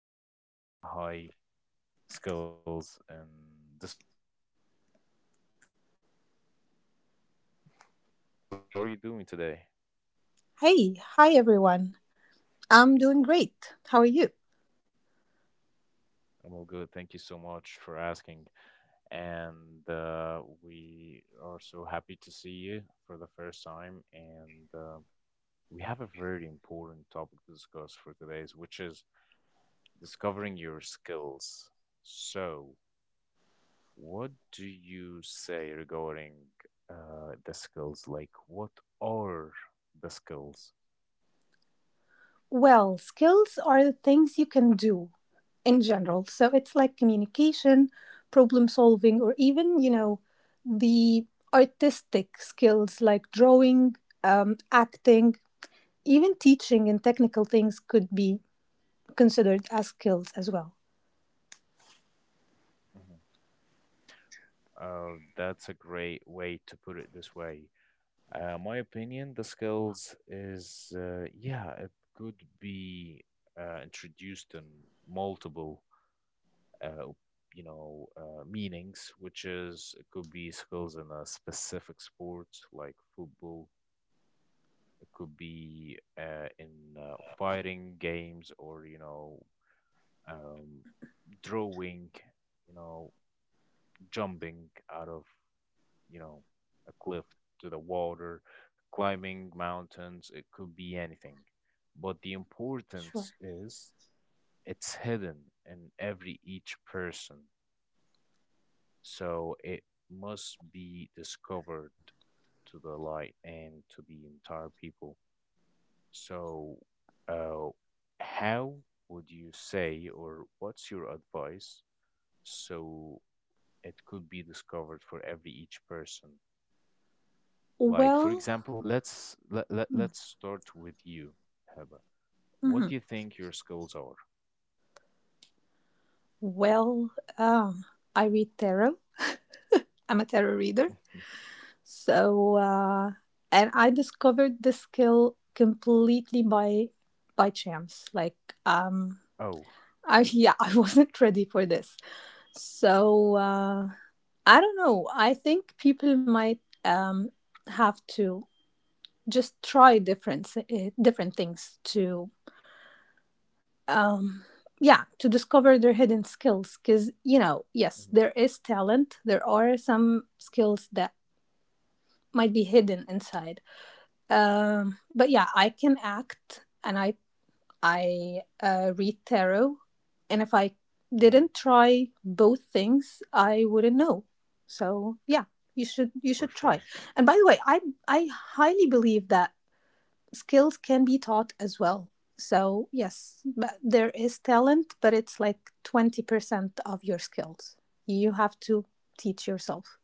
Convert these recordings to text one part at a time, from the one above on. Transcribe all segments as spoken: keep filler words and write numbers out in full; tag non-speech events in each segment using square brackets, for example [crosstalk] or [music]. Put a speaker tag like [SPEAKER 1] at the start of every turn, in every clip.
[SPEAKER 1] with uh, high skills and discovering the [laughs] skills actually. So today's guest is Heba. Heba, how are you doing today?
[SPEAKER 2] Hey, hi everyone. I'm doing great. How are you?
[SPEAKER 1] I'm all good. Thank you so much for asking. and uh, we are so happy to see you for the first time. And uh, we have a very important topic to discuss for today's, which is discovering your skills. So, what do you say regarding uh, the skills? Like, what are the skills?
[SPEAKER 2] Well, skills are the things you can do in general. So it's like communication, problem solving, or even, you know, the artistic skills like drawing, um, acting, even teaching and technical things could be considered as skills as well.
[SPEAKER 1] Hmm. Uh, that's a great way to put it this way. Uh, my opinion, the skills is, uh, yeah, it could be uh, introduced in multiple, uh, you know, uh, meanings, which is it could be skills in a specific sport like football. It could be uh, in uh, fighting games, or, you know, um, drawing, you know, jumping out of you know, a cliff to the water, climbing mountains, it could be anything. But the
[SPEAKER 2] Sure.
[SPEAKER 1] importance is it's hidden in every each person. So it must be discovered to the light and to the entire people. So, uh, how would you say, or what's your advice so it could be discovered for every each person? Like, for
[SPEAKER 2] Well,
[SPEAKER 1] example, let's let, let, let's start with you, Heba. What do
[SPEAKER 2] mhm.
[SPEAKER 1] you think your skills are?
[SPEAKER 2] well, um, I read tarot. I'm a tarot reader.
[SPEAKER 1] [laughs]
[SPEAKER 2] So, uh, and I discovered this skill completely by by chance. Like, um,
[SPEAKER 1] Oh.
[SPEAKER 2] I yeah, [laughs] I wasn't ready for this. So uh, I don't know. I think people might um have to just try different s- eh, different things to um yeah to discover their hidden skills, because you know yes,
[SPEAKER 1] Hmm.
[SPEAKER 2] there is talent. There are some skills that might be hidden inside. Um, but yeah, I can act, and I I uh, read tarot, and if I didn't
[SPEAKER 1] Hmm.
[SPEAKER 2] try both things, I wouldn't know. So yeah, you should you should
[SPEAKER 1] For
[SPEAKER 2] try.
[SPEAKER 1] sure.
[SPEAKER 2] And by the way, I I highly believe that skills can be taught as well. So yes, but there is talent, but it's like twenty percent of your skills. You have to teach yourself.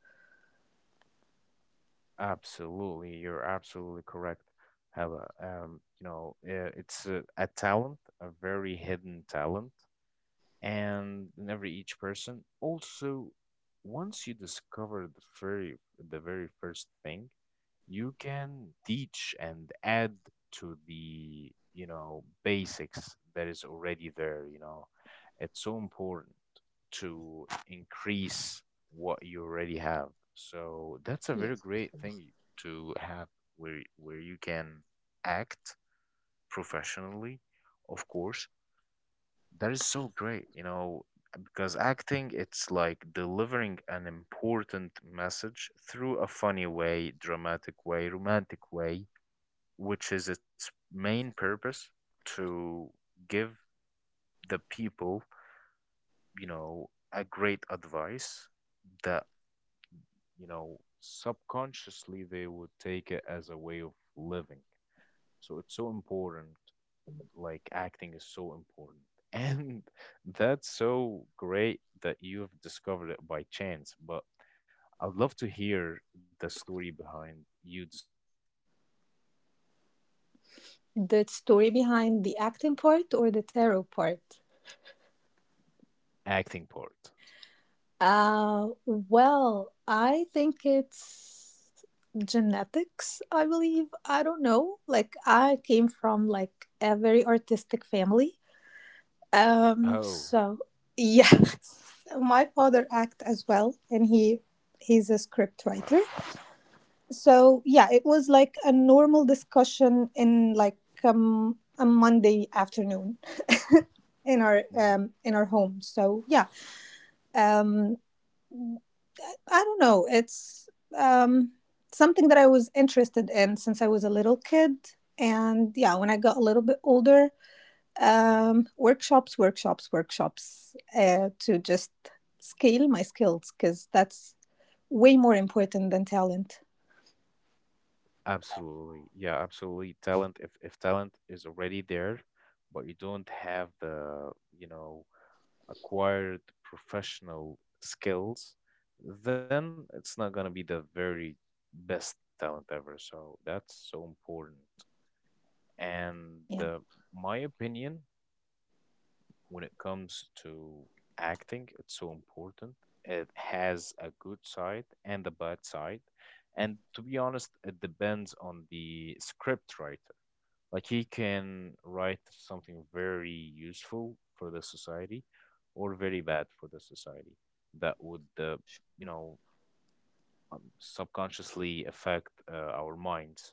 [SPEAKER 1] Absolutely, you're absolutely correct, Heba. Um, you know, uh, it's a, a talent, a very hidden talent, and in every each person. Also, once you discover the very the very first thing, you can teach and add to the you know basics that is already there you know It's so important to increase what you already have, so that's a
[SPEAKER 2] Yeah.
[SPEAKER 1] very great thing to have, where where you can act professionally, of course. That is so great, you know, because acting, it's like delivering an important message through a funny way, dramatic way, romantic way, which is its main purpose to give the people, you know, a great advice that, you know, subconsciously they would take it as a way of living. So it's so important, like acting is so important. And [laughs] that's so great that you've discovered it by chance, but I'd love to hear the story behind you discovering it by chance. Like, how did that happen?
[SPEAKER 2] The story behind the acting part or the tarot part?
[SPEAKER 1] Acting part.
[SPEAKER 2] Uh, well, I think it's genetics, I believe. I don't know. Like, I came from like a very artistic family. Um,
[SPEAKER 1] Oh,
[SPEAKER 2] so yes, [laughs] my father act as well, and he he's a script writer.
[SPEAKER 1] wow.
[SPEAKER 2] So yeah, it was like a normal discussion in like um a Monday afternoon in our um
[SPEAKER 1] Hmm.
[SPEAKER 2] in our home. So yeah, um I don't know. It's um, something that I was interested in since I was a little kid. And yeah, when I got a little bit older, um,
[SPEAKER 1] Hmm.
[SPEAKER 2] workshops, workshops, workshops uh, to just scale my skills, because that's way more important than talent.
[SPEAKER 1] Absolutely. Yeah, absolutely. Talent, if if talent is already there, but you don't have the, you know, acquired professional skills, then it's not going to be the very best talent ever. So that's so important. And
[SPEAKER 2] Yeah,
[SPEAKER 1] uh, my opinion when it comes to acting, it's so important. It has a good side and a bad side. And to be honest, it depends on the scriptwriter. Like, he can write something very useful for the society or very bad for the society that would, uh, you know, um, subconsciously affect uh, our minds.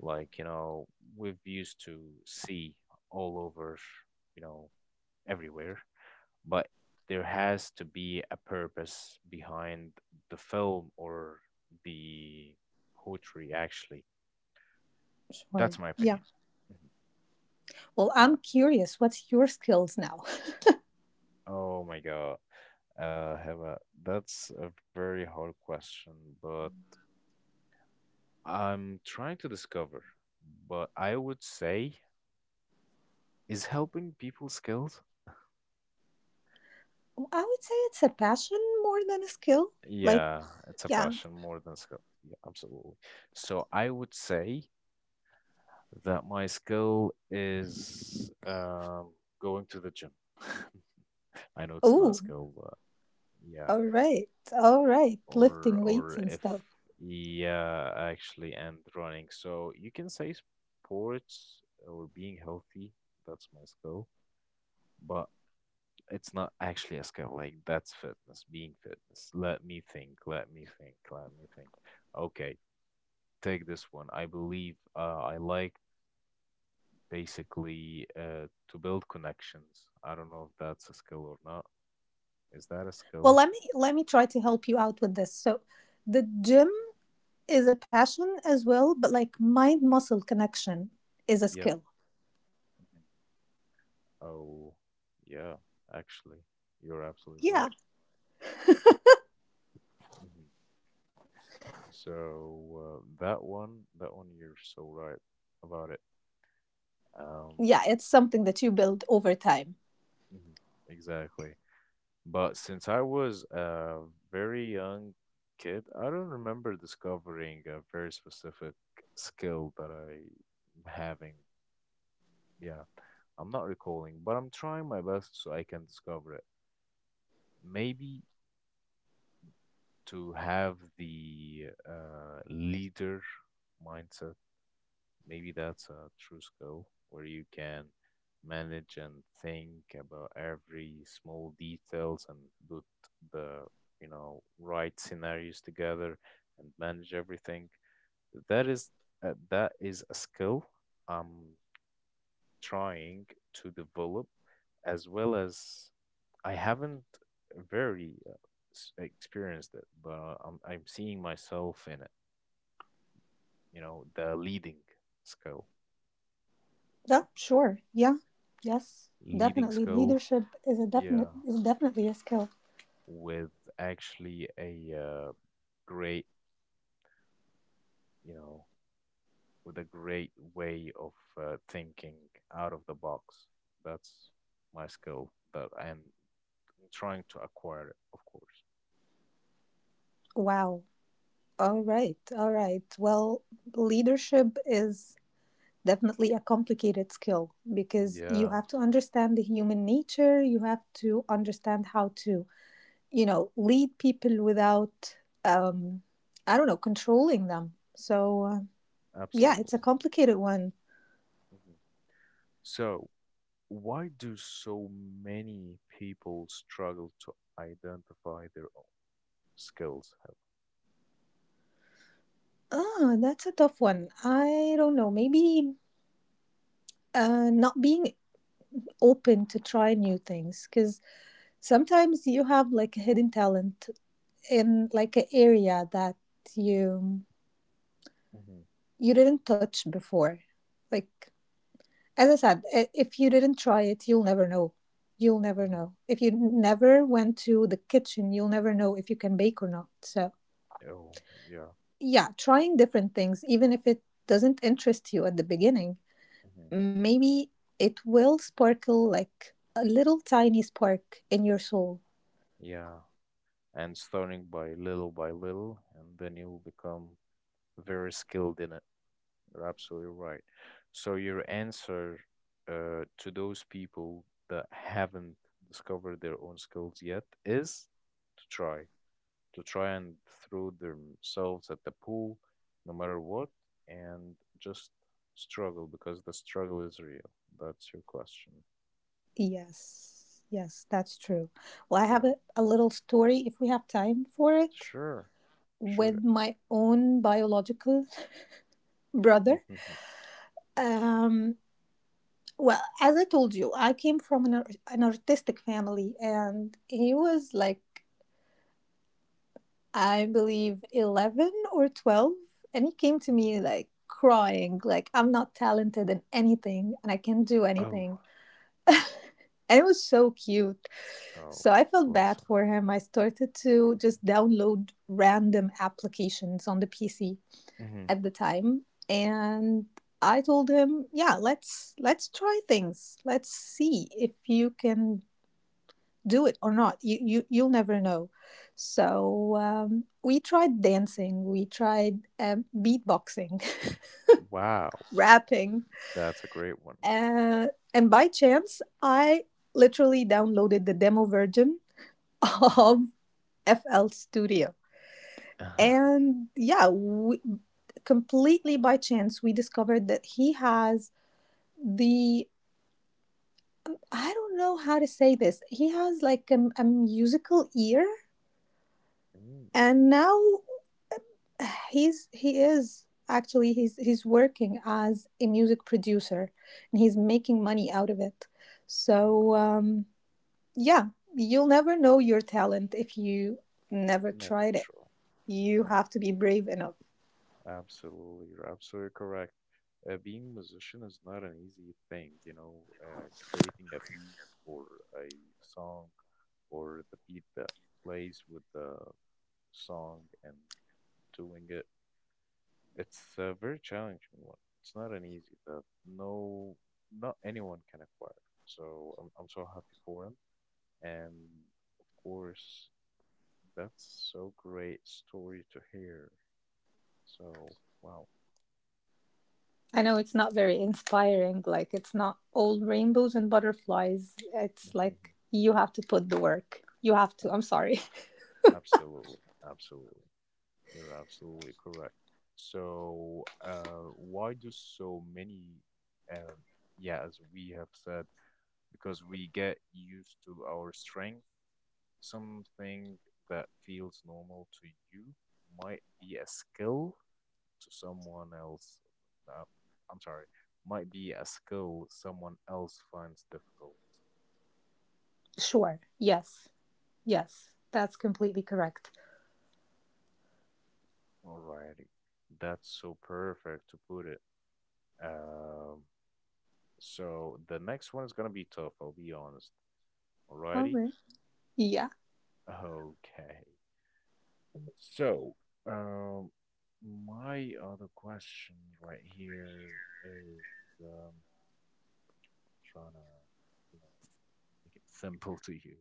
[SPEAKER 1] Like, you know, we've used to see all over, you know, everywhere, but there has to be a purpose behind the film or the poetry, actually. That's
[SPEAKER 2] sure.
[SPEAKER 1] my
[SPEAKER 2] Yeah.
[SPEAKER 1] opinion. Mhm.
[SPEAKER 2] Well, I'm
[SPEAKER 1] Yeah.
[SPEAKER 2] curious, what's your skills now?
[SPEAKER 1] Oh my God. Uh, Heba, that's a very hard question, but I'm trying to discover. But I would say, is helping people skills?
[SPEAKER 2] I would say it's a passion more than a skill. Like,
[SPEAKER 1] Yeah, it's a
[SPEAKER 2] yeah.
[SPEAKER 1] passion more than skill. Yeah, absolutely. So I would say that my skill is um, going to the gym. [laughs] I know it's not a
[SPEAKER 2] Oh,
[SPEAKER 1] skill, but yeah.
[SPEAKER 2] all right. All right.
[SPEAKER 1] or
[SPEAKER 2] Lifting weights
[SPEAKER 1] or
[SPEAKER 2] and
[SPEAKER 1] if,
[SPEAKER 2] stuff.
[SPEAKER 1] yeah, actually, and running, so you can say sports, or being healthy. That's my skill, but it's not actually a skill, like that's fitness, being fitness. Let me think, let me think, let me think. Okay, take this one. I believe, uh, I like, basically, uh, to build connections. I don't know if that's a skill or not. Is that a
[SPEAKER 2] Well,
[SPEAKER 1] skill?
[SPEAKER 2] let me let me try to help you out with this. So, the gym is a passion as well, but like mind muscle connection is a
[SPEAKER 1] Yep.
[SPEAKER 2] skill.
[SPEAKER 1] Mhm. Oh, yeah, actually, you're absolutely right.
[SPEAKER 2] Yeah.
[SPEAKER 1] Hmm. So uh, that one, that one, you're so right about it.
[SPEAKER 2] Yeah,
[SPEAKER 1] Um,
[SPEAKER 2] it's something that you build over time.
[SPEAKER 1] mhm, exactly. But since I was a very young kid, I don't remember discovering a very specific skill that I having. Yeah, I'm not recalling, but I'm trying my best so I can discover it. Maybe to have the uh, leader mindset. Maybe that's a true skill where you can manage and think about every small details and put the, you know, right scenarios together and manage everything. That is uh, that is a skill I'm trying to develop, as well as I haven't very uh, s- experienced it, but uh, I'm I'm seeing myself in it. You know, the leading skill,
[SPEAKER 2] Yeah, sure. Yeah. Yes.
[SPEAKER 1] leading
[SPEAKER 2] Definitely
[SPEAKER 1] skill.
[SPEAKER 2] leadership is a definite
[SPEAKER 1] Yeah,
[SPEAKER 2] is definitely a skill.
[SPEAKER 1] with, actually, a uh, great, you know, with a great way of uh, thinking out of the box. That's my skill that I'm trying to acquire it, of course.
[SPEAKER 2] Wow. All right. All right. Well, leadership is definitely a complicated skill, because you
[SPEAKER 1] Yeah.
[SPEAKER 2] have to understand the human nature, you have to understand how to, you know, lead people without,
[SPEAKER 1] Mhm.
[SPEAKER 2] um, I don't know, controlling them. So, uh, yeah, it's a
[SPEAKER 1] Absolutely.
[SPEAKER 2] complicated one.
[SPEAKER 1] Mhm. So, why do so many people struggle to identify their own skills?
[SPEAKER 2] Ah, that's a tough one. I don't know. Maybe uh, not being open to try new things, because sometimes you have like a hidden talent in like an area that you
[SPEAKER 1] Helen?
[SPEAKER 2] you didn't touch before. Like, as I said, if you didn't try it, you'll never know. You'll
[SPEAKER 1] Mhm.
[SPEAKER 2] never
[SPEAKER 1] Mhm.
[SPEAKER 2] know. If you never went to the kitchen, you'll never know if you can bake or not. So,
[SPEAKER 1] Oh, yeah.
[SPEAKER 2] yeah, trying different things, even if it doesn't interest you at the beginning,
[SPEAKER 1] Mhm.
[SPEAKER 2] maybe it will sparkle like a little tiny spark in your soul.
[SPEAKER 1] Yeah. And starting by little by little, and then you'll become very skilled in it. You're absolutely right. So your answer, uh, to those people that haven't discovered their own skills yet, is to try, to try and throw themselves at the pool, no matter what, and just struggle, because the struggle is real. That's your question.
[SPEAKER 2] Yes, yes, that's true. Well, I have
[SPEAKER 1] Yeah,
[SPEAKER 2] a, a little story, if we have time for it,
[SPEAKER 1] sure,
[SPEAKER 2] with
[SPEAKER 1] sure.
[SPEAKER 2] my own biological [laughs] brother.
[SPEAKER 1] [laughs]
[SPEAKER 2] Um, Well, as I told you, I came from an, ar- an artistic family, and he was like, I believe, eleven or twelve. And he came to me like crying, like, I'm not talented in anything and I can't do
[SPEAKER 1] Oh,
[SPEAKER 2] anything. And it was so cute.
[SPEAKER 1] oh,
[SPEAKER 2] So I felt
[SPEAKER 1] bless
[SPEAKER 2] bad
[SPEAKER 1] him.
[SPEAKER 2] for him. I started to
[SPEAKER 1] For sure.
[SPEAKER 2] just download random applications on the P C
[SPEAKER 1] Hmm.
[SPEAKER 2] at the time. And I told him, yeah, let's let's try things. Let's see if you can do it or not. You you you'll never know. So um, we tried dancing, we tried um, beatboxing,
[SPEAKER 1] Wow,
[SPEAKER 2] [laughs] rapping,
[SPEAKER 1] that's a great one.
[SPEAKER 2] uh, and by chance I literally downloaded the demo version [laughs]
[SPEAKER 1] Hmm.
[SPEAKER 2] of F L Studio,
[SPEAKER 1] Sure.
[SPEAKER 2] and yeah, we, completely by chance we discovered that he has the I don't know how to say this. He has like a, a musical ear,
[SPEAKER 1] Mm,
[SPEAKER 2] and now he's he is actually he's he's working as a music producer, and he's making money out of it.
[SPEAKER 1] wow,
[SPEAKER 2] So um yeah, you'll never know your talent if you never
[SPEAKER 1] never
[SPEAKER 2] tried it.
[SPEAKER 1] try.
[SPEAKER 2] You
[SPEAKER 1] Yeah,
[SPEAKER 2] have to be brave enough.
[SPEAKER 1] absolutely. You're absolutely correct. Uh, being a musician is not an easy thing, you know, uh, creating a beat, or a song, or the beat that plays with the song and doing it. It's a very challenging one. It's not an easy that no, not anyone can acquire. So I'm, I'm so happy for him. And of course, that's so great story to hear. So, wow.
[SPEAKER 2] I know it's not very inspiring. Like, it's not all rainbows and butterflies. It's like,
[SPEAKER 1] [laughs]
[SPEAKER 2] you have to put the work, you have to, I'm sorry.
[SPEAKER 1] Uh, absolutely, absolutely. You're absolutely correct. So, uh, why do so many, um, yeah, as we have said, because we get used to our strength, something that feels normal to you might be a skill to someone else. Uh, I'm sorry, might be a skill someone else finds difficult.
[SPEAKER 2] [laughs] Sure. Yes, yes, that's completely correct.
[SPEAKER 1] Alrighty, that's so perfect to put it. Um, so the next one is gonna be tough, I'll be honest.
[SPEAKER 2] All
[SPEAKER 1] Alrighty,
[SPEAKER 2] right. Yeah.
[SPEAKER 1] okay. So, um, my other question right here is um, trying to, you know, make it [laughs] simple to you.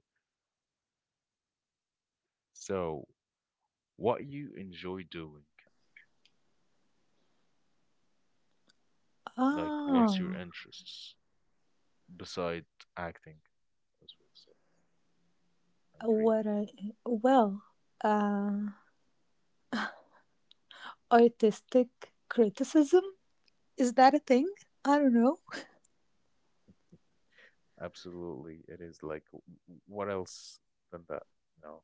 [SPEAKER 1] So, what you enjoy doing. Like, what's your
[SPEAKER 2] Oh.
[SPEAKER 1] interests beside acting, as we've said, and reading?
[SPEAKER 2] what I Well, uh, artistic criticism, is that a thing? I don't know.
[SPEAKER 1] Absolutely, it is, like, w- w- what else than that? You know,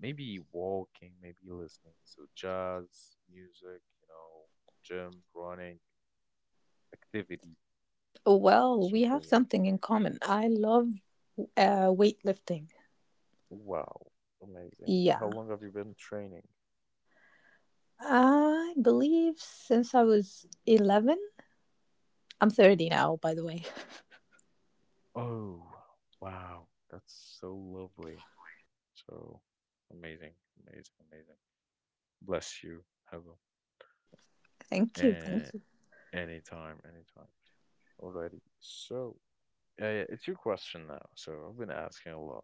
[SPEAKER 1] maybe walking, maybe listening to jazz, music, you know, gym, running, activity.
[SPEAKER 2] Well,
[SPEAKER 1] What's
[SPEAKER 2] we
[SPEAKER 1] your
[SPEAKER 2] have
[SPEAKER 1] favorite
[SPEAKER 2] something in
[SPEAKER 1] activity?
[SPEAKER 2] common. I love uh, weightlifting.
[SPEAKER 1] Wow, amazing. How
[SPEAKER 2] Yeah,
[SPEAKER 1] long have you been training?
[SPEAKER 2] I believe since I was eleven. I'm thirty now, by the way.
[SPEAKER 1] Oh, wow, that's so lovely. So amazing, amazing, amazing. Bless you, Hello.
[SPEAKER 2] [laughs] Thank you, thank
[SPEAKER 1] Uh,
[SPEAKER 2] you.
[SPEAKER 1] Anytime, anytime. Alrighty. So, uh, yeah, it's your question now. So I've been asking a lot.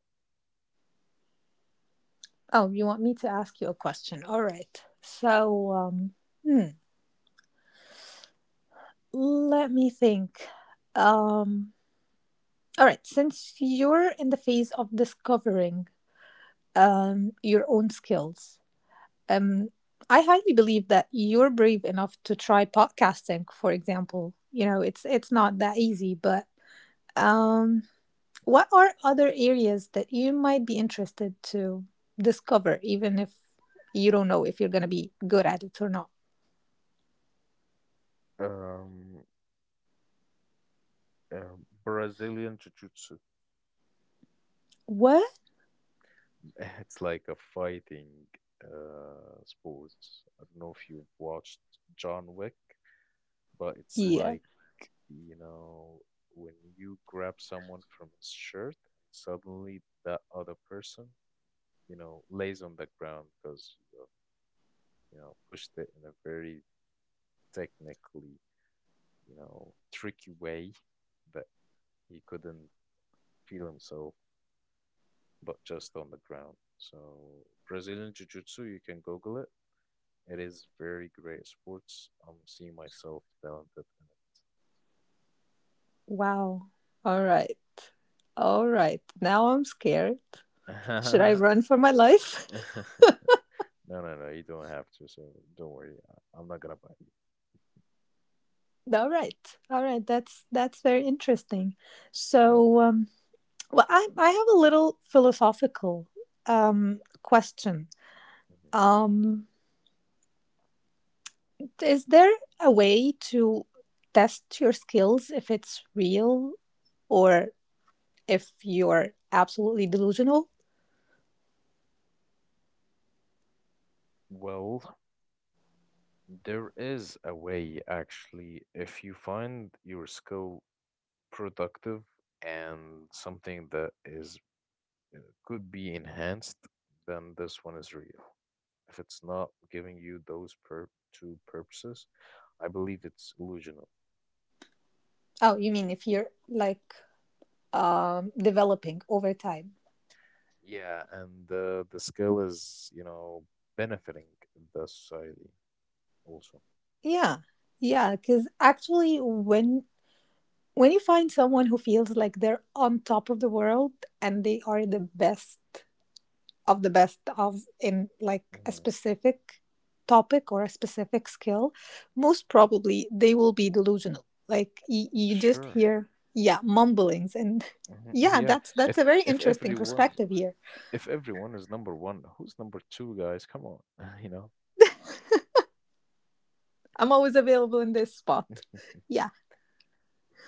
[SPEAKER 2] Oh, you want me to ask you a question? All right. So, um, hmm, let me think. Um, all right. Since you're in the phase of discovering um, your own skills. Um, I highly believe that you're brave enough to try podcasting, for example. You know, it's it's not that easy, but um, what are other areas that you might be interested to discover, even if you don't know if you're going to be good at it or not?
[SPEAKER 1] Um, uh, Brazilian Jiu-Jitsu.
[SPEAKER 2] What?
[SPEAKER 1] [laughs] It's like a fighting uh sport. I don't know if you've watched John Wick, but it's
[SPEAKER 2] Yeah.
[SPEAKER 1] like, you know, when you grab someone from his shirt, suddenly that other person, you know, lays on the ground, because you have, you know, pushed it in a very technically, you know, tricky way, but he couldn't feel himself, but just on the ground. So Brazilian Jiu-Jitsu, you can Google it. It is very great sports. I'm seeing myself talented
[SPEAKER 2] Wow. All right. All right. Now I'm scared. Should I
[SPEAKER 1] in
[SPEAKER 2] run for my life? [laughs]
[SPEAKER 1] it. [laughs] [laughs] No, no, no, you don't have to, so don't worry. I- I'm not gonna bite
[SPEAKER 2] All right. All right. That's that's very interesting.
[SPEAKER 1] you. Yep.
[SPEAKER 2] So, um, well, I I have a little philosophical um, question.
[SPEAKER 1] Mhm.
[SPEAKER 2] Um, is there a way to test your skills if it's real, or if you're absolutely delusional?
[SPEAKER 1] Well, there is a way actually, if you find your skill productive and something that is could be enhanced, then this one is real. If it's not giving you those per two purposes, I believe it's illusional.
[SPEAKER 2] Oh, you mean if you're like um, developing over time?
[SPEAKER 1] Yeah, and uh, the skill is, you know, benefiting the society also.
[SPEAKER 2] Yeah. Yeah, because actually, when When you find someone who feels like they're on top of the world and they are the best of the best of in like a
[SPEAKER 1] Hmm.
[SPEAKER 2] specific topic or a specific skill, most probably they will be delusional. Like, y- you just
[SPEAKER 1] Sure.
[SPEAKER 2] hear yeah, mumblings, and [laughs]
[SPEAKER 1] Hmm.
[SPEAKER 2] yeah,
[SPEAKER 1] Yeah.
[SPEAKER 2] that's that's
[SPEAKER 1] If
[SPEAKER 2] a very
[SPEAKER 1] if
[SPEAKER 2] interesting
[SPEAKER 1] everyone
[SPEAKER 2] perspective here.
[SPEAKER 1] if everyone is number one, who's number two, guys? Come on, [laughs] you know.
[SPEAKER 2] I'm always available in this spot. Yeah.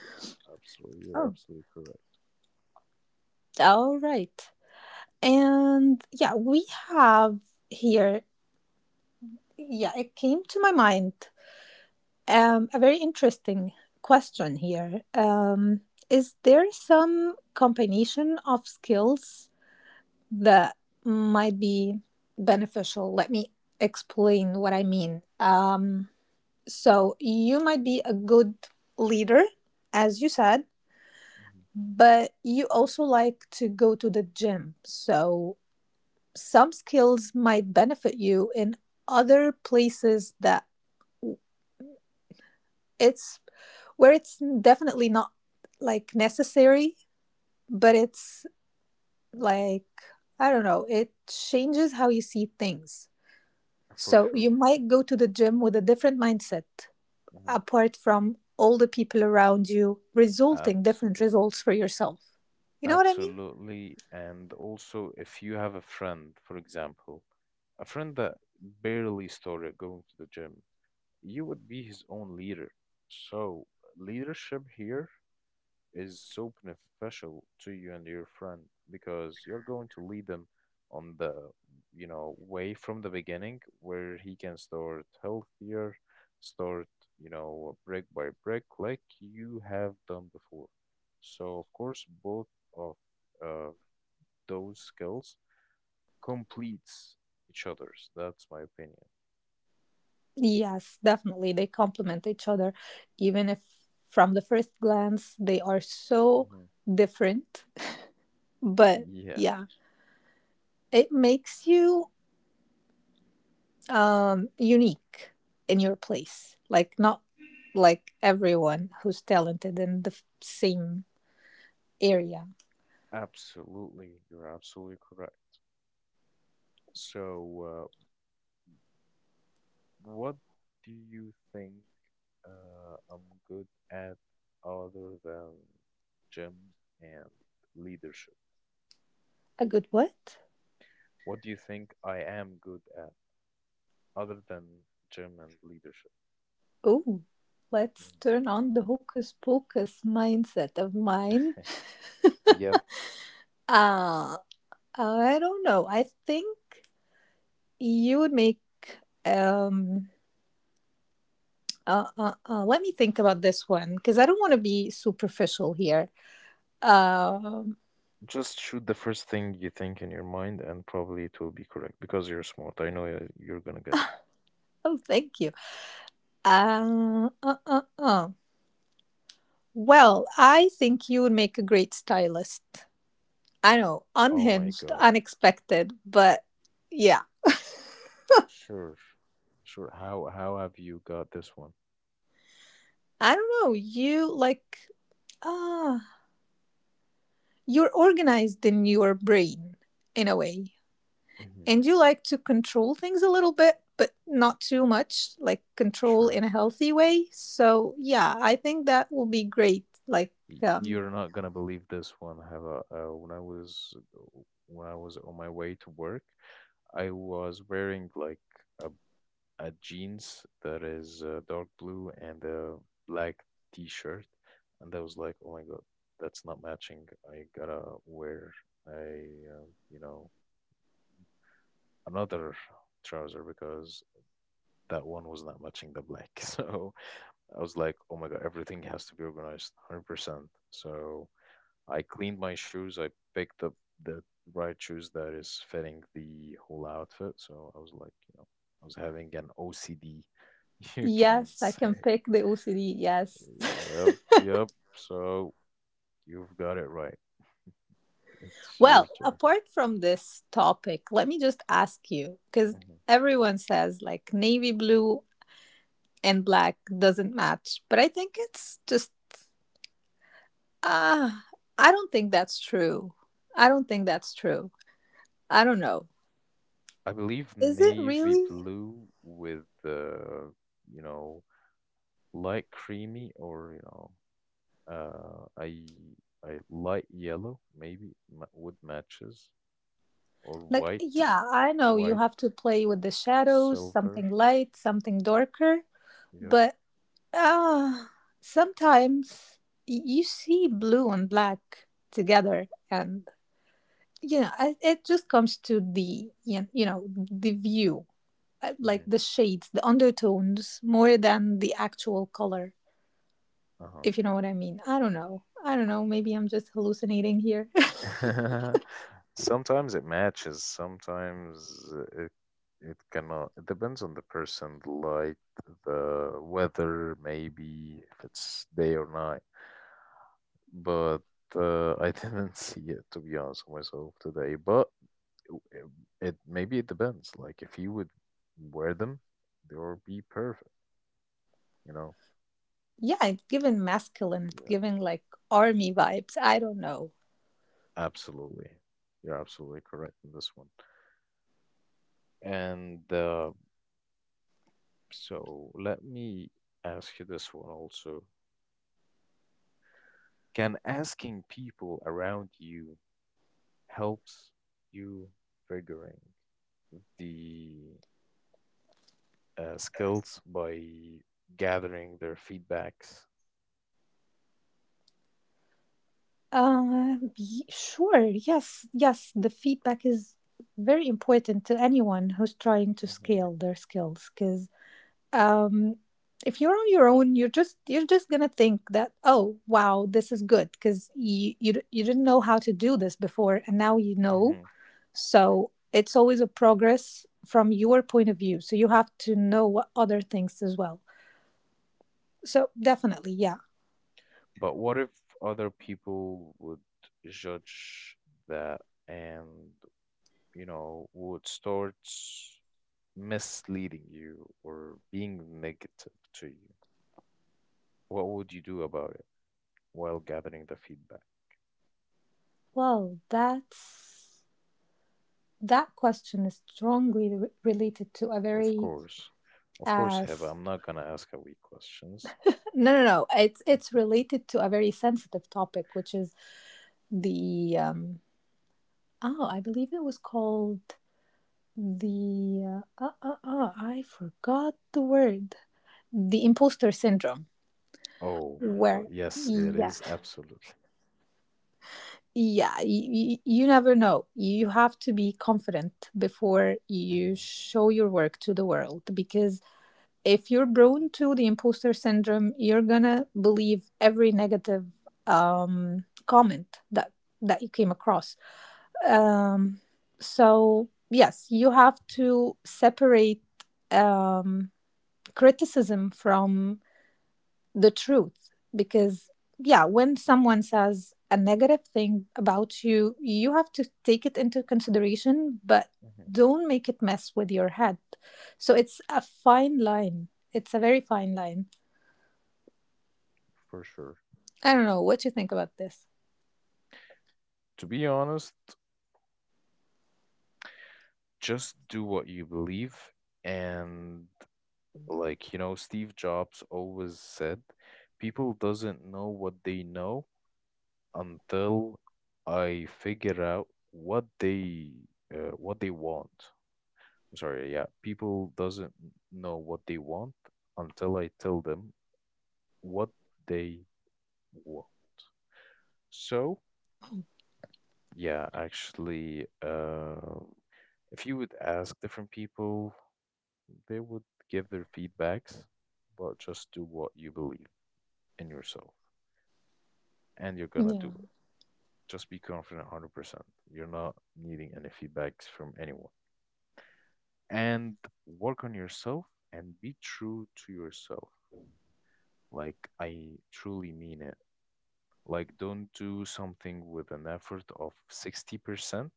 [SPEAKER 1] Yeah, absolutely. You're
[SPEAKER 2] Oh.
[SPEAKER 1] absolutely correct.
[SPEAKER 2] All right. And yeah, we have here, yeah, it came to my mind, Um, a very interesting question here. Um, is there some combination of skills that might be beneficial? Let me explain what I mean. Um, so, you might be a good leader, as you said,
[SPEAKER 1] Hmm.
[SPEAKER 2] but you also like to go to the gym. So, some skills might benefit you in other places that it's where it's definitely not like necessary, but it's like, I don't know, it changes how you see things.
[SPEAKER 1] For
[SPEAKER 2] So
[SPEAKER 1] sure.
[SPEAKER 2] you might go to the gym with a different mindset,
[SPEAKER 1] Hmm.
[SPEAKER 2] apart from all the people around you, resulting different
[SPEAKER 1] Absolutely.
[SPEAKER 2] results for yourself. You know what I mean?
[SPEAKER 1] Absolutely. And also, if you have a friend, for example, a friend that barely started going to the gym, you would be his own leader. So, leadership here is so beneficial to you and your friend, because you're going to lead them on the, you know, way from the beginning, where he can start healthier, start, you know, brick by brick, like you have done before. So, of course, both of uh, those skills completes each other's. That's my opinion.
[SPEAKER 2] Yes, definitely. They complement each other, even if from the first glance they are so
[SPEAKER 1] Mhm.
[SPEAKER 2] different, but
[SPEAKER 1] Yeah,
[SPEAKER 2] yeah, it makes you um unique in your place, like not like everyone who's talented in the f- same area.
[SPEAKER 1] absolutely. You're absolutely correct. So, uh, what do you think? Uh, I'm good at other than gym and leadership.
[SPEAKER 2] A good what?
[SPEAKER 1] What do you think I am good at other than gym and leadership?
[SPEAKER 2] Oh,
[SPEAKER 1] Mhm.
[SPEAKER 2] let's turn on the hocus pocus mindset of mine.
[SPEAKER 1] Yep,
[SPEAKER 2] uh I don't know, I think you would make, um uh, uh, uh, let me think about this one, because I don't want to be superficial here. um
[SPEAKER 1] just shoot the first thing you think in your mind, and probably it will be correct because you're smart. I know you- you're gonna get it.
[SPEAKER 2] oh, thank you. uh, uh, uh, uh. Well, I think you would make a great stylist. I know,
[SPEAKER 1] Oh my
[SPEAKER 2] unhinged,
[SPEAKER 1] God.
[SPEAKER 2] unexpected, but yeah,
[SPEAKER 1] Sure. Sure. How how have you got this one?
[SPEAKER 2] I don't know. You like, ah, you're organized in your brain in a way,
[SPEAKER 1] Hmm.
[SPEAKER 2] and you like to control things a little bit, but not too much, like control in
[SPEAKER 1] Sure.
[SPEAKER 2] a healthy way. So, yeah, I think that will be great. Like,
[SPEAKER 1] Y-
[SPEAKER 2] um,
[SPEAKER 1] You're not gonna believe this one. Have a uh, when I was when I was on my way to work. I was wearing like a, a jeans that is uh, dark blue and a black t-shirt, and I was like, "Oh my God, that's not matching. I gotta wear a, uh, you know, another trouser because that one was not matching the black." [laughs] So I was like, "Oh my God, everything has to be organized, one hundred percent." So I cleaned my shoes. I picked up the right shoes that is fitting the whole outfit. So I was like, you know, I was having an O C D, [laughs] you can
[SPEAKER 2] yes, I can
[SPEAKER 1] say.
[SPEAKER 2] pick the O C D, yes.
[SPEAKER 1] Yep,
[SPEAKER 2] [laughs]
[SPEAKER 1] yep. So you've got it right. It's your
[SPEAKER 2] Well,
[SPEAKER 1] turn.
[SPEAKER 2] apart from this topic, let me just ask you, because
[SPEAKER 1] Mhm.
[SPEAKER 2] everyone says like navy blue and black doesn't match, but I think it's just, ah, I don't think that's true. I don't think that's true. I don't know.
[SPEAKER 1] I believe
[SPEAKER 2] Is it
[SPEAKER 1] navy
[SPEAKER 2] really?
[SPEAKER 1] blue with uh, you know, light creamy or you know, uh, I I light yellow maybe ma- would matches or
[SPEAKER 2] Like,
[SPEAKER 1] white.
[SPEAKER 2] yeah, I know you
[SPEAKER 1] White.
[SPEAKER 2] have to play with the shadows,
[SPEAKER 1] Silver.
[SPEAKER 2] something light, something darker,
[SPEAKER 1] Yep.
[SPEAKER 2] but ah, sometimes y- you see blue and black together, and you know, I, it just comes to the, yeah, you know, the view, uh, like
[SPEAKER 1] Mhm.
[SPEAKER 2] the shades, the undertones more than the actual color,
[SPEAKER 1] Uh-huh.
[SPEAKER 2] if you know what I mean. I don't know, I don't know, maybe I'm just hallucinating here. [laughs]
[SPEAKER 1] [laughs] Sometimes it matches, sometimes it it cannot. It depends on the person, the light, the weather, maybe if it's day or night. But uh, I didn't [laughs] see it to be honest with myself today. But w- it, it maybe it depends. Like if you would wear them, they will be perfect. You know.
[SPEAKER 2] Yeah, it's giving masculine, it's
[SPEAKER 1] Yeah,
[SPEAKER 2] giving like army vibes, I don't know.
[SPEAKER 1] absolutely. You're absolutely correct in this one. And uh, So let me ask you this one also. Can asking people around you helps you figuring the uh, skills by gathering their feedbacks?
[SPEAKER 2] Uh, y- sure yes, yes, the feedback is very important to anyone who's trying to
[SPEAKER 1] Hmm
[SPEAKER 2] scale their skills cause. um if you're on your own, you're just you're just gonna think that, oh wow, this is good because you, you d- you didn't know how to do this before and now you know.
[SPEAKER 1] hmm
[SPEAKER 2] So it's always a progress from your point of view, so you have to know what other things as well. So definitely, yeah.
[SPEAKER 1] But what if other people would judge that and, you know, would start misleading you or being negative to you? What would you do about it while gathering the feedback?
[SPEAKER 2] Well, that's that question is strongly re- related to a
[SPEAKER 1] Of
[SPEAKER 2] very
[SPEAKER 1] course. Of
[SPEAKER 2] uh
[SPEAKER 1] course, Heba,
[SPEAKER 2] s-
[SPEAKER 1] I'm not gonna ask a weak questions.
[SPEAKER 2] no, no, no, it's it's related to a very sensitive topic, which is the um oh, I believe it was called the uh, uh, uh, uh, I forgot the word. The imposter syndrome,
[SPEAKER 1] Oh my
[SPEAKER 2] where
[SPEAKER 1] God, yes, it
[SPEAKER 2] yeah,
[SPEAKER 1] is absolutely.
[SPEAKER 2] yeah, you, you never know. You have to be confident before you
[SPEAKER 1] Mhm.
[SPEAKER 2] show your work to the world because if you're prone to the imposter syndrome, you're gonna believe every negative um comment that that you came across. Um, so, yes, you have to separate um, criticism from the truth because, yeah, when someone says a negative thing about you, you have to take it into consideration, but
[SPEAKER 1] Mhm.
[SPEAKER 2] don't make it mess with your head. So, it's a fine line. It's a very fine line.
[SPEAKER 1] For sure.
[SPEAKER 2] I don't know what you think about this.
[SPEAKER 1] To be honest, just do what you believe. And like, you know, Steve Jobs always said, people doesn't know what they know until I figure out what they uh, what they want. I'm sorry, yeah, people doesn't know what they want until I tell them what they want. So, yeah, actually, uh, if you would ask different people, they would give their feedbacks, but just do what you believe in yourself, and you're gonna do
[SPEAKER 2] Yeah.
[SPEAKER 1] it. Just be confident one hundred percent. You're not needing any feedbacks from anyone, and work on yourself and be true to yourself. Like, I truly mean it. Like, don't do something with an effort of sixty percent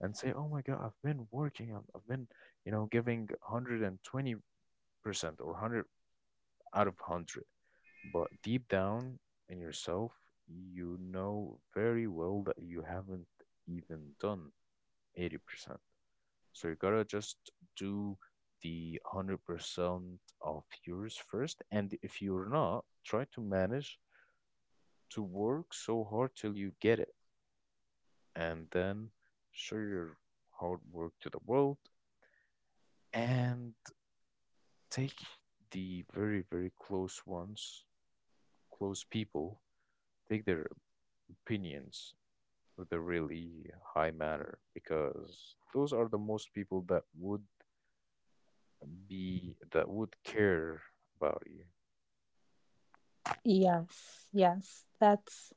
[SPEAKER 1] and say, oh my God, I've been working, I've I've been, you know, giving one hundred twenty percent or one hundred out of one hundred. But deep down in yourself, you know very well that you haven't even done eighty percent. So you gotta just do the one hundred percent of yours first. And if you're not, try to manage to work so hard till you get it. And then show your hard work to the world and take the very, very close ones, close people, take their opinions with a really high manner because those are the most people that would be that would care about
[SPEAKER 2] Yes. Yes. That's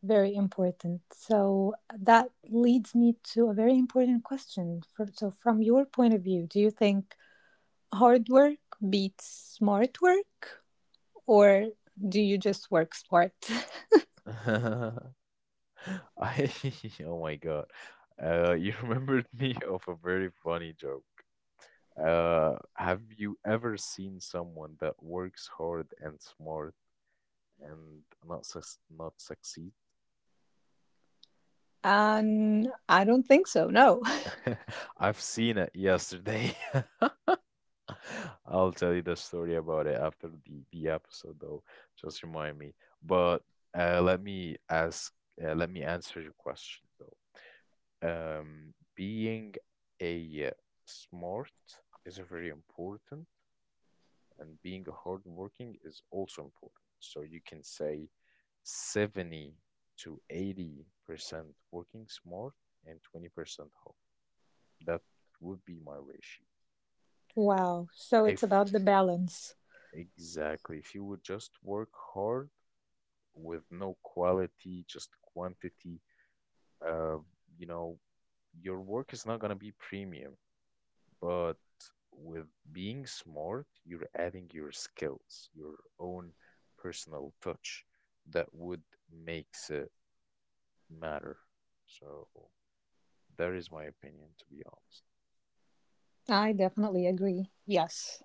[SPEAKER 2] very important. So uh, that leads me to a very important question. For, so, from your point of view, do you think hard work beats smart work, or do you just work smart?
[SPEAKER 1] you. [laughs] [laughs] I [laughs] oh my God. Uh, you [laughs] remembered me of a very funny joke. Uh, have you ever seen someone that works hard and smart and not sus not succeed?
[SPEAKER 2] [laughs] And I don't think so, no. [laughs]
[SPEAKER 1] [laughs] I've seen it yesterday. [laughs] [laughs] I'll tell you the story about it after the the episode though. Just remind me. But uh, let me ask. Uh, let me answer your question though. Um, being a uh, smart is very important, and being hardworking is also important. So you can say seventy to eighty percent working smart and twenty percent hard. That would be my ratio.
[SPEAKER 2] Wow. So, it's
[SPEAKER 1] If
[SPEAKER 2] about the balance.
[SPEAKER 1] exactly, if you would just work hard with no quality, just quantity, uh, you know, your work is not going to be premium. But with being smart, you're adding your skills, your own personal touch that would makes it matter. So that is my opinion, to be honest.
[SPEAKER 2] I definitely agree. Yes,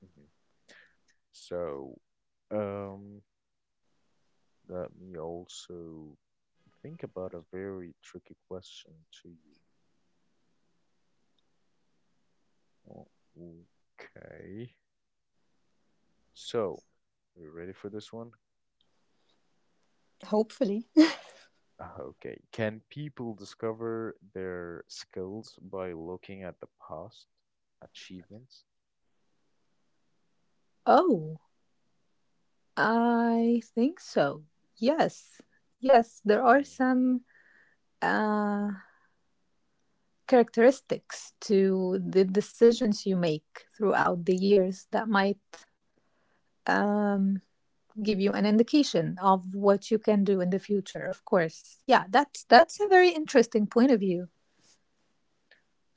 [SPEAKER 1] Hmm So, um, let me also think about a very tricky question to you. Oh, okay. So, are you ready for this one?
[SPEAKER 2] hopefully. [laughs]
[SPEAKER 1] Ah, okay. Can people discover their skills by looking at the past achievements?
[SPEAKER 2] Oh, I think so. Yes, yes, there are
[SPEAKER 1] Hmm
[SPEAKER 2] some uh, characteristics to the decisions you make throughout the years that might um, give you an indication of what you can do in the future. Of course, yeah, that's that's a very interesting point of view.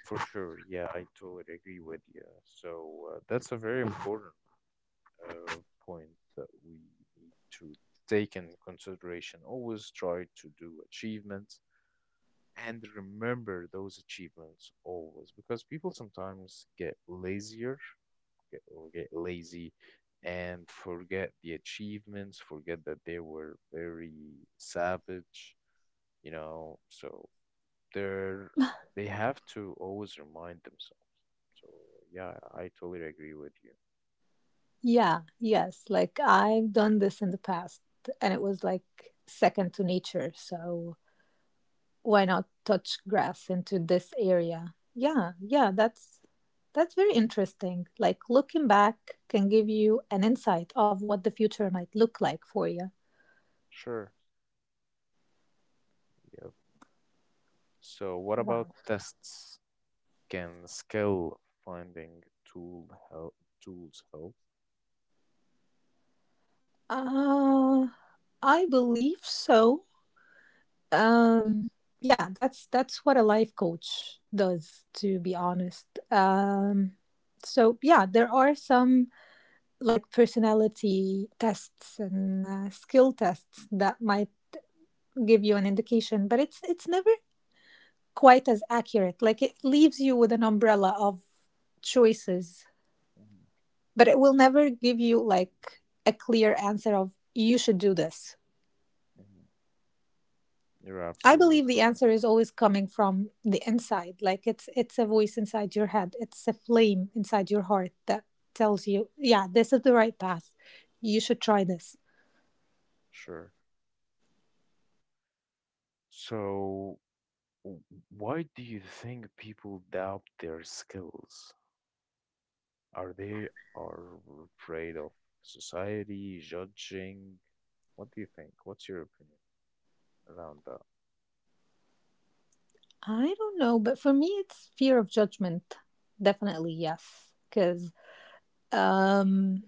[SPEAKER 1] For sure. Yeah, I totally agree with you. So uh, that's a very important uh, point that we need to take in consideration. Always try to do achievements and remember those achievements always because people sometimes get lazier get, or get lazy and forget the achievements, forget that they were very savage, you know. So they're they have to always remind themselves. So yeah, I totally agree with you.
[SPEAKER 2] Yeah, yes, like I've done this in the past and it was like second to nature, so why not touch grass into this area? Yeah, yeah, that's that's very interesting. Like looking back can give you an insight of what the future might look like for you.
[SPEAKER 1] Sure. Yep. So what
[SPEAKER 2] Wow.
[SPEAKER 1] about tests? Can skill finding tool help tools help?
[SPEAKER 2] uh I believe so. um yeah, that's that's what a life coach does, to be
[SPEAKER 1] Hmm
[SPEAKER 2] honest. Um so yeah, there are some like personality tests and uh, skill tests that might give you an indication, but it's it's never quite as accurate. Like, it leaves you with an umbrella of choices,
[SPEAKER 1] hmm
[SPEAKER 2] but it will never give you like a clear answer of you should do this.
[SPEAKER 1] hmm You're
[SPEAKER 2] I
[SPEAKER 1] absolutely
[SPEAKER 2] believe the
[SPEAKER 1] correct.
[SPEAKER 2] answer is always coming from the inside. Like, it's it's a voice inside your head, it's a flame inside your heart that tells you, yeah, this is the right path, you should try this.
[SPEAKER 1] Sure. So W- Why do you think people doubt their skills? Are they are afraid of society judging? What do you think? What's your opinion around that?
[SPEAKER 2] I don't know, but for me it's fear of judgment, definitely. Yes, because um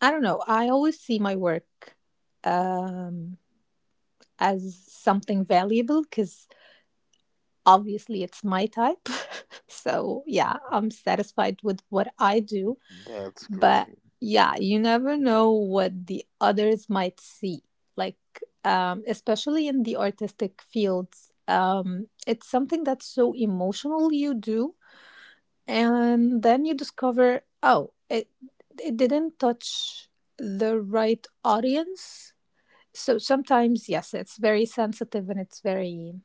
[SPEAKER 2] I don't know. I always see my work um, as something valuable because obviously it's my type. [laughs] So, yeah, I'm satisfied with what I do.
[SPEAKER 1] That's
[SPEAKER 2] But
[SPEAKER 1] great.
[SPEAKER 2] yeah,
[SPEAKER 1] Yeah.
[SPEAKER 2] you never know what the others might see. Like, um, especially in the artistic fields, um, it's something that's so emotional you do. And then you discover, oh, it, it didn't touch the right audience. So sometimes, yes, it's very sensitive and it's very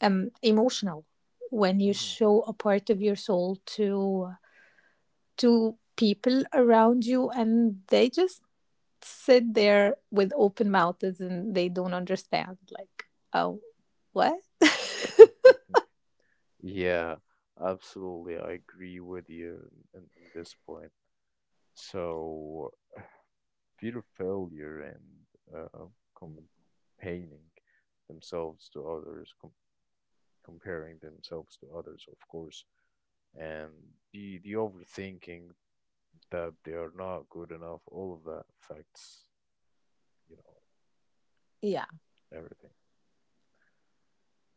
[SPEAKER 2] um, emotional when you
[SPEAKER 1] Mhm.
[SPEAKER 2] show a part of your soul to to people around you, and they just sit there with open mouths and they don't understand. Like, oh, what?
[SPEAKER 1] [laughs] Yeah, absolutely. I agree with you in, in this point. So, fear of failure and uh, comparing themselves to others, com comparing themselves to others, of course, and the the overthinking that they are not good enough, all of that affects, you know,
[SPEAKER 2] [laughs] Yeah,
[SPEAKER 1] everything.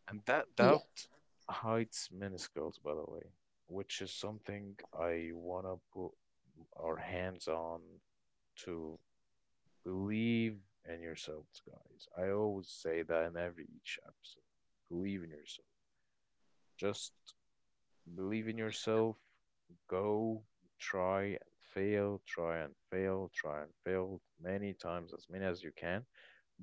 [SPEAKER 1] And that
[SPEAKER 2] yeah,
[SPEAKER 1] doubt hides minuscules, by the way, which is something I wanna put our hands on to believe in yourselves, guys. I always say that in every each episode. Believe in yourself. Just believe in yourself. Go, try and fail, try and fail, try and fail many times, as many as you can.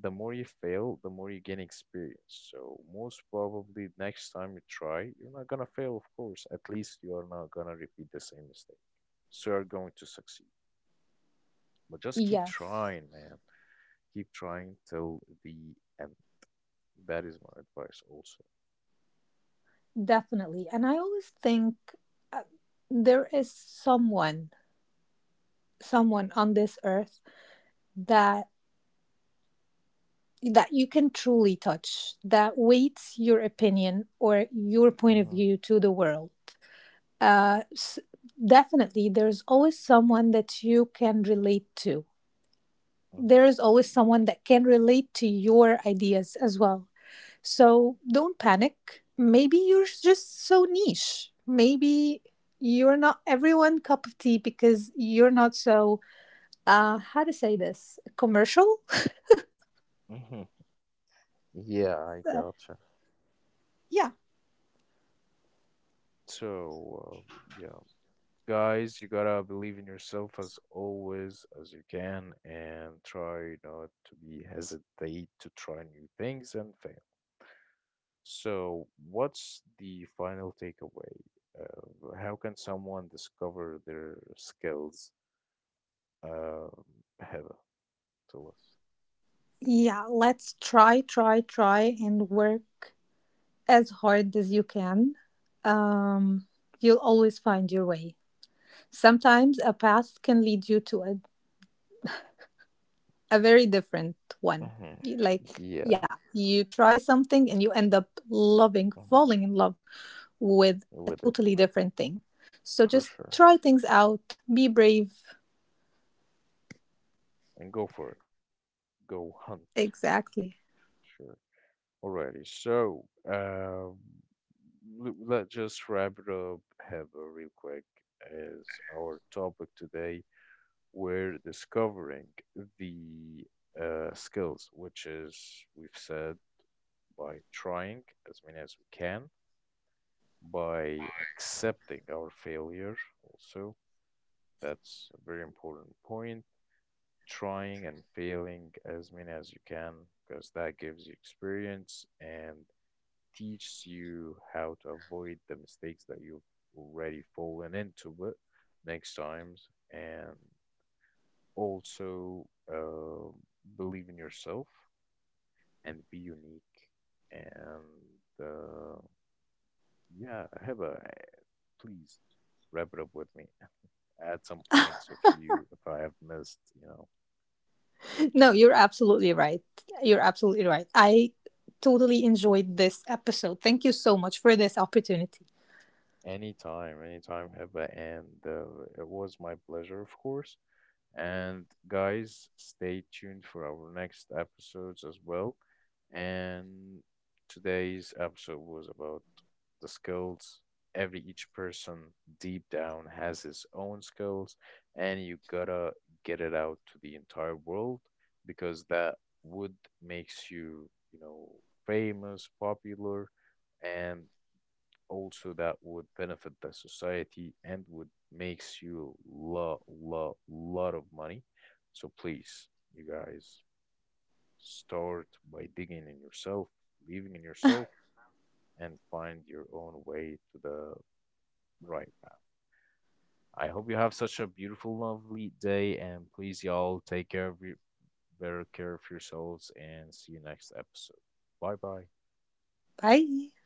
[SPEAKER 1] The more you fail, the more you gain experience. So most probably next time you try, you're not gonna fail, of course. At least you are not gonna repeat the same mistake. So you're going to succeed. But just keep
[SPEAKER 2] yes,
[SPEAKER 1] trying, man. Keep trying till the end. That is my advice also.
[SPEAKER 2] definitely. And I always think uh, there is someone, someone on this earth that that you can truly touch, that weights your opinion or your point of
[SPEAKER 1] Mm-hmm.
[SPEAKER 2] view to the world. Uh, s- Definitely, there's always someone that you can relate to.
[SPEAKER 1] Mm-hmm.
[SPEAKER 2] There is always someone that can relate to your ideas as well. So don't panic. Maybe you're just so niche. Maybe you're not everyone cup of tea because you're not so uh how to say this, commercial.
[SPEAKER 1] Mm-hmm. Yeah, I gotcha.
[SPEAKER 2] [laughs] Yeah.
[SPEAKER 1] So, uh, yeah, guys, you gotta believe in yourself as always as you can and try not to be hesitate to try new things and fail. So, what's the final takeaway? Uh, how can someone discover their skills? Uh, Heather, tell us.
[SPEAKER 2] Yeah, let's try, try, try and work as hard as you can. Um, you'll always find your way. Sometimes a path can lead you to a, a very different one.
[SPEAKER 1] Mhm. hmm
[SPEAKER 2] Like,
[SPEAKER 1] Yeah,
[SPEAKER 2] yeah, you try something and you end up loving,
[SPEAKER 1] mhm,
[SPEAKER 2] falling in love with a
[SPEAKER 1] with it
[SPEAKER 2] totally different thing. So
[SPEAKER 1] for
[SPEAKER 2] just
[SPEAKER 1] sure.
[SPEAKER 2] try things out, be brave.
[SPEAKER 1] And go for it. Go hunt.
[SPEAKER 2] Exactly.
[SPEAKER 1] Sure. Alrighty. So, um, l- let's just wrap it up, have a real quick as our topic today. We're discovering the uh, skills, which is we've said by trying as many as we can, by accepting our failure. Also, that's a very important point. Trying and failing as many as you can, because that gives you experience and teaches you how to avoid the mistakes that you've already fallen into it next times and also uh, believe in yourself and be unique and uh, yeah have a please wrap it up with me [laughs] at some points if you if I have missed you know
[SPEAKER 2] No, you're absolutely right. You're absolutely right. I totally enjoyed this episode. Thank you so much for this opportunity.
[SPEAKER 1] anytime anytime have a and uh, it was my pleasure of course. And guys, stay tuned for our next episodes as well. And today's episode was about the skills. Every each person deep down has his own skills, and you gotta get it out to the entire world because that would makes you, you know, famous, popular, and also that would benefit the society and would makes you lot lot lot of money. So please, you guys, start by digging in yourself, believing in yourself, and find your own way to the right path. I hope you have such a beautiful, lovely day, and please, y'all, take care of your, better care of yourselves, and see you next episode. Bye bye.
[SPEAKER 2] Bye.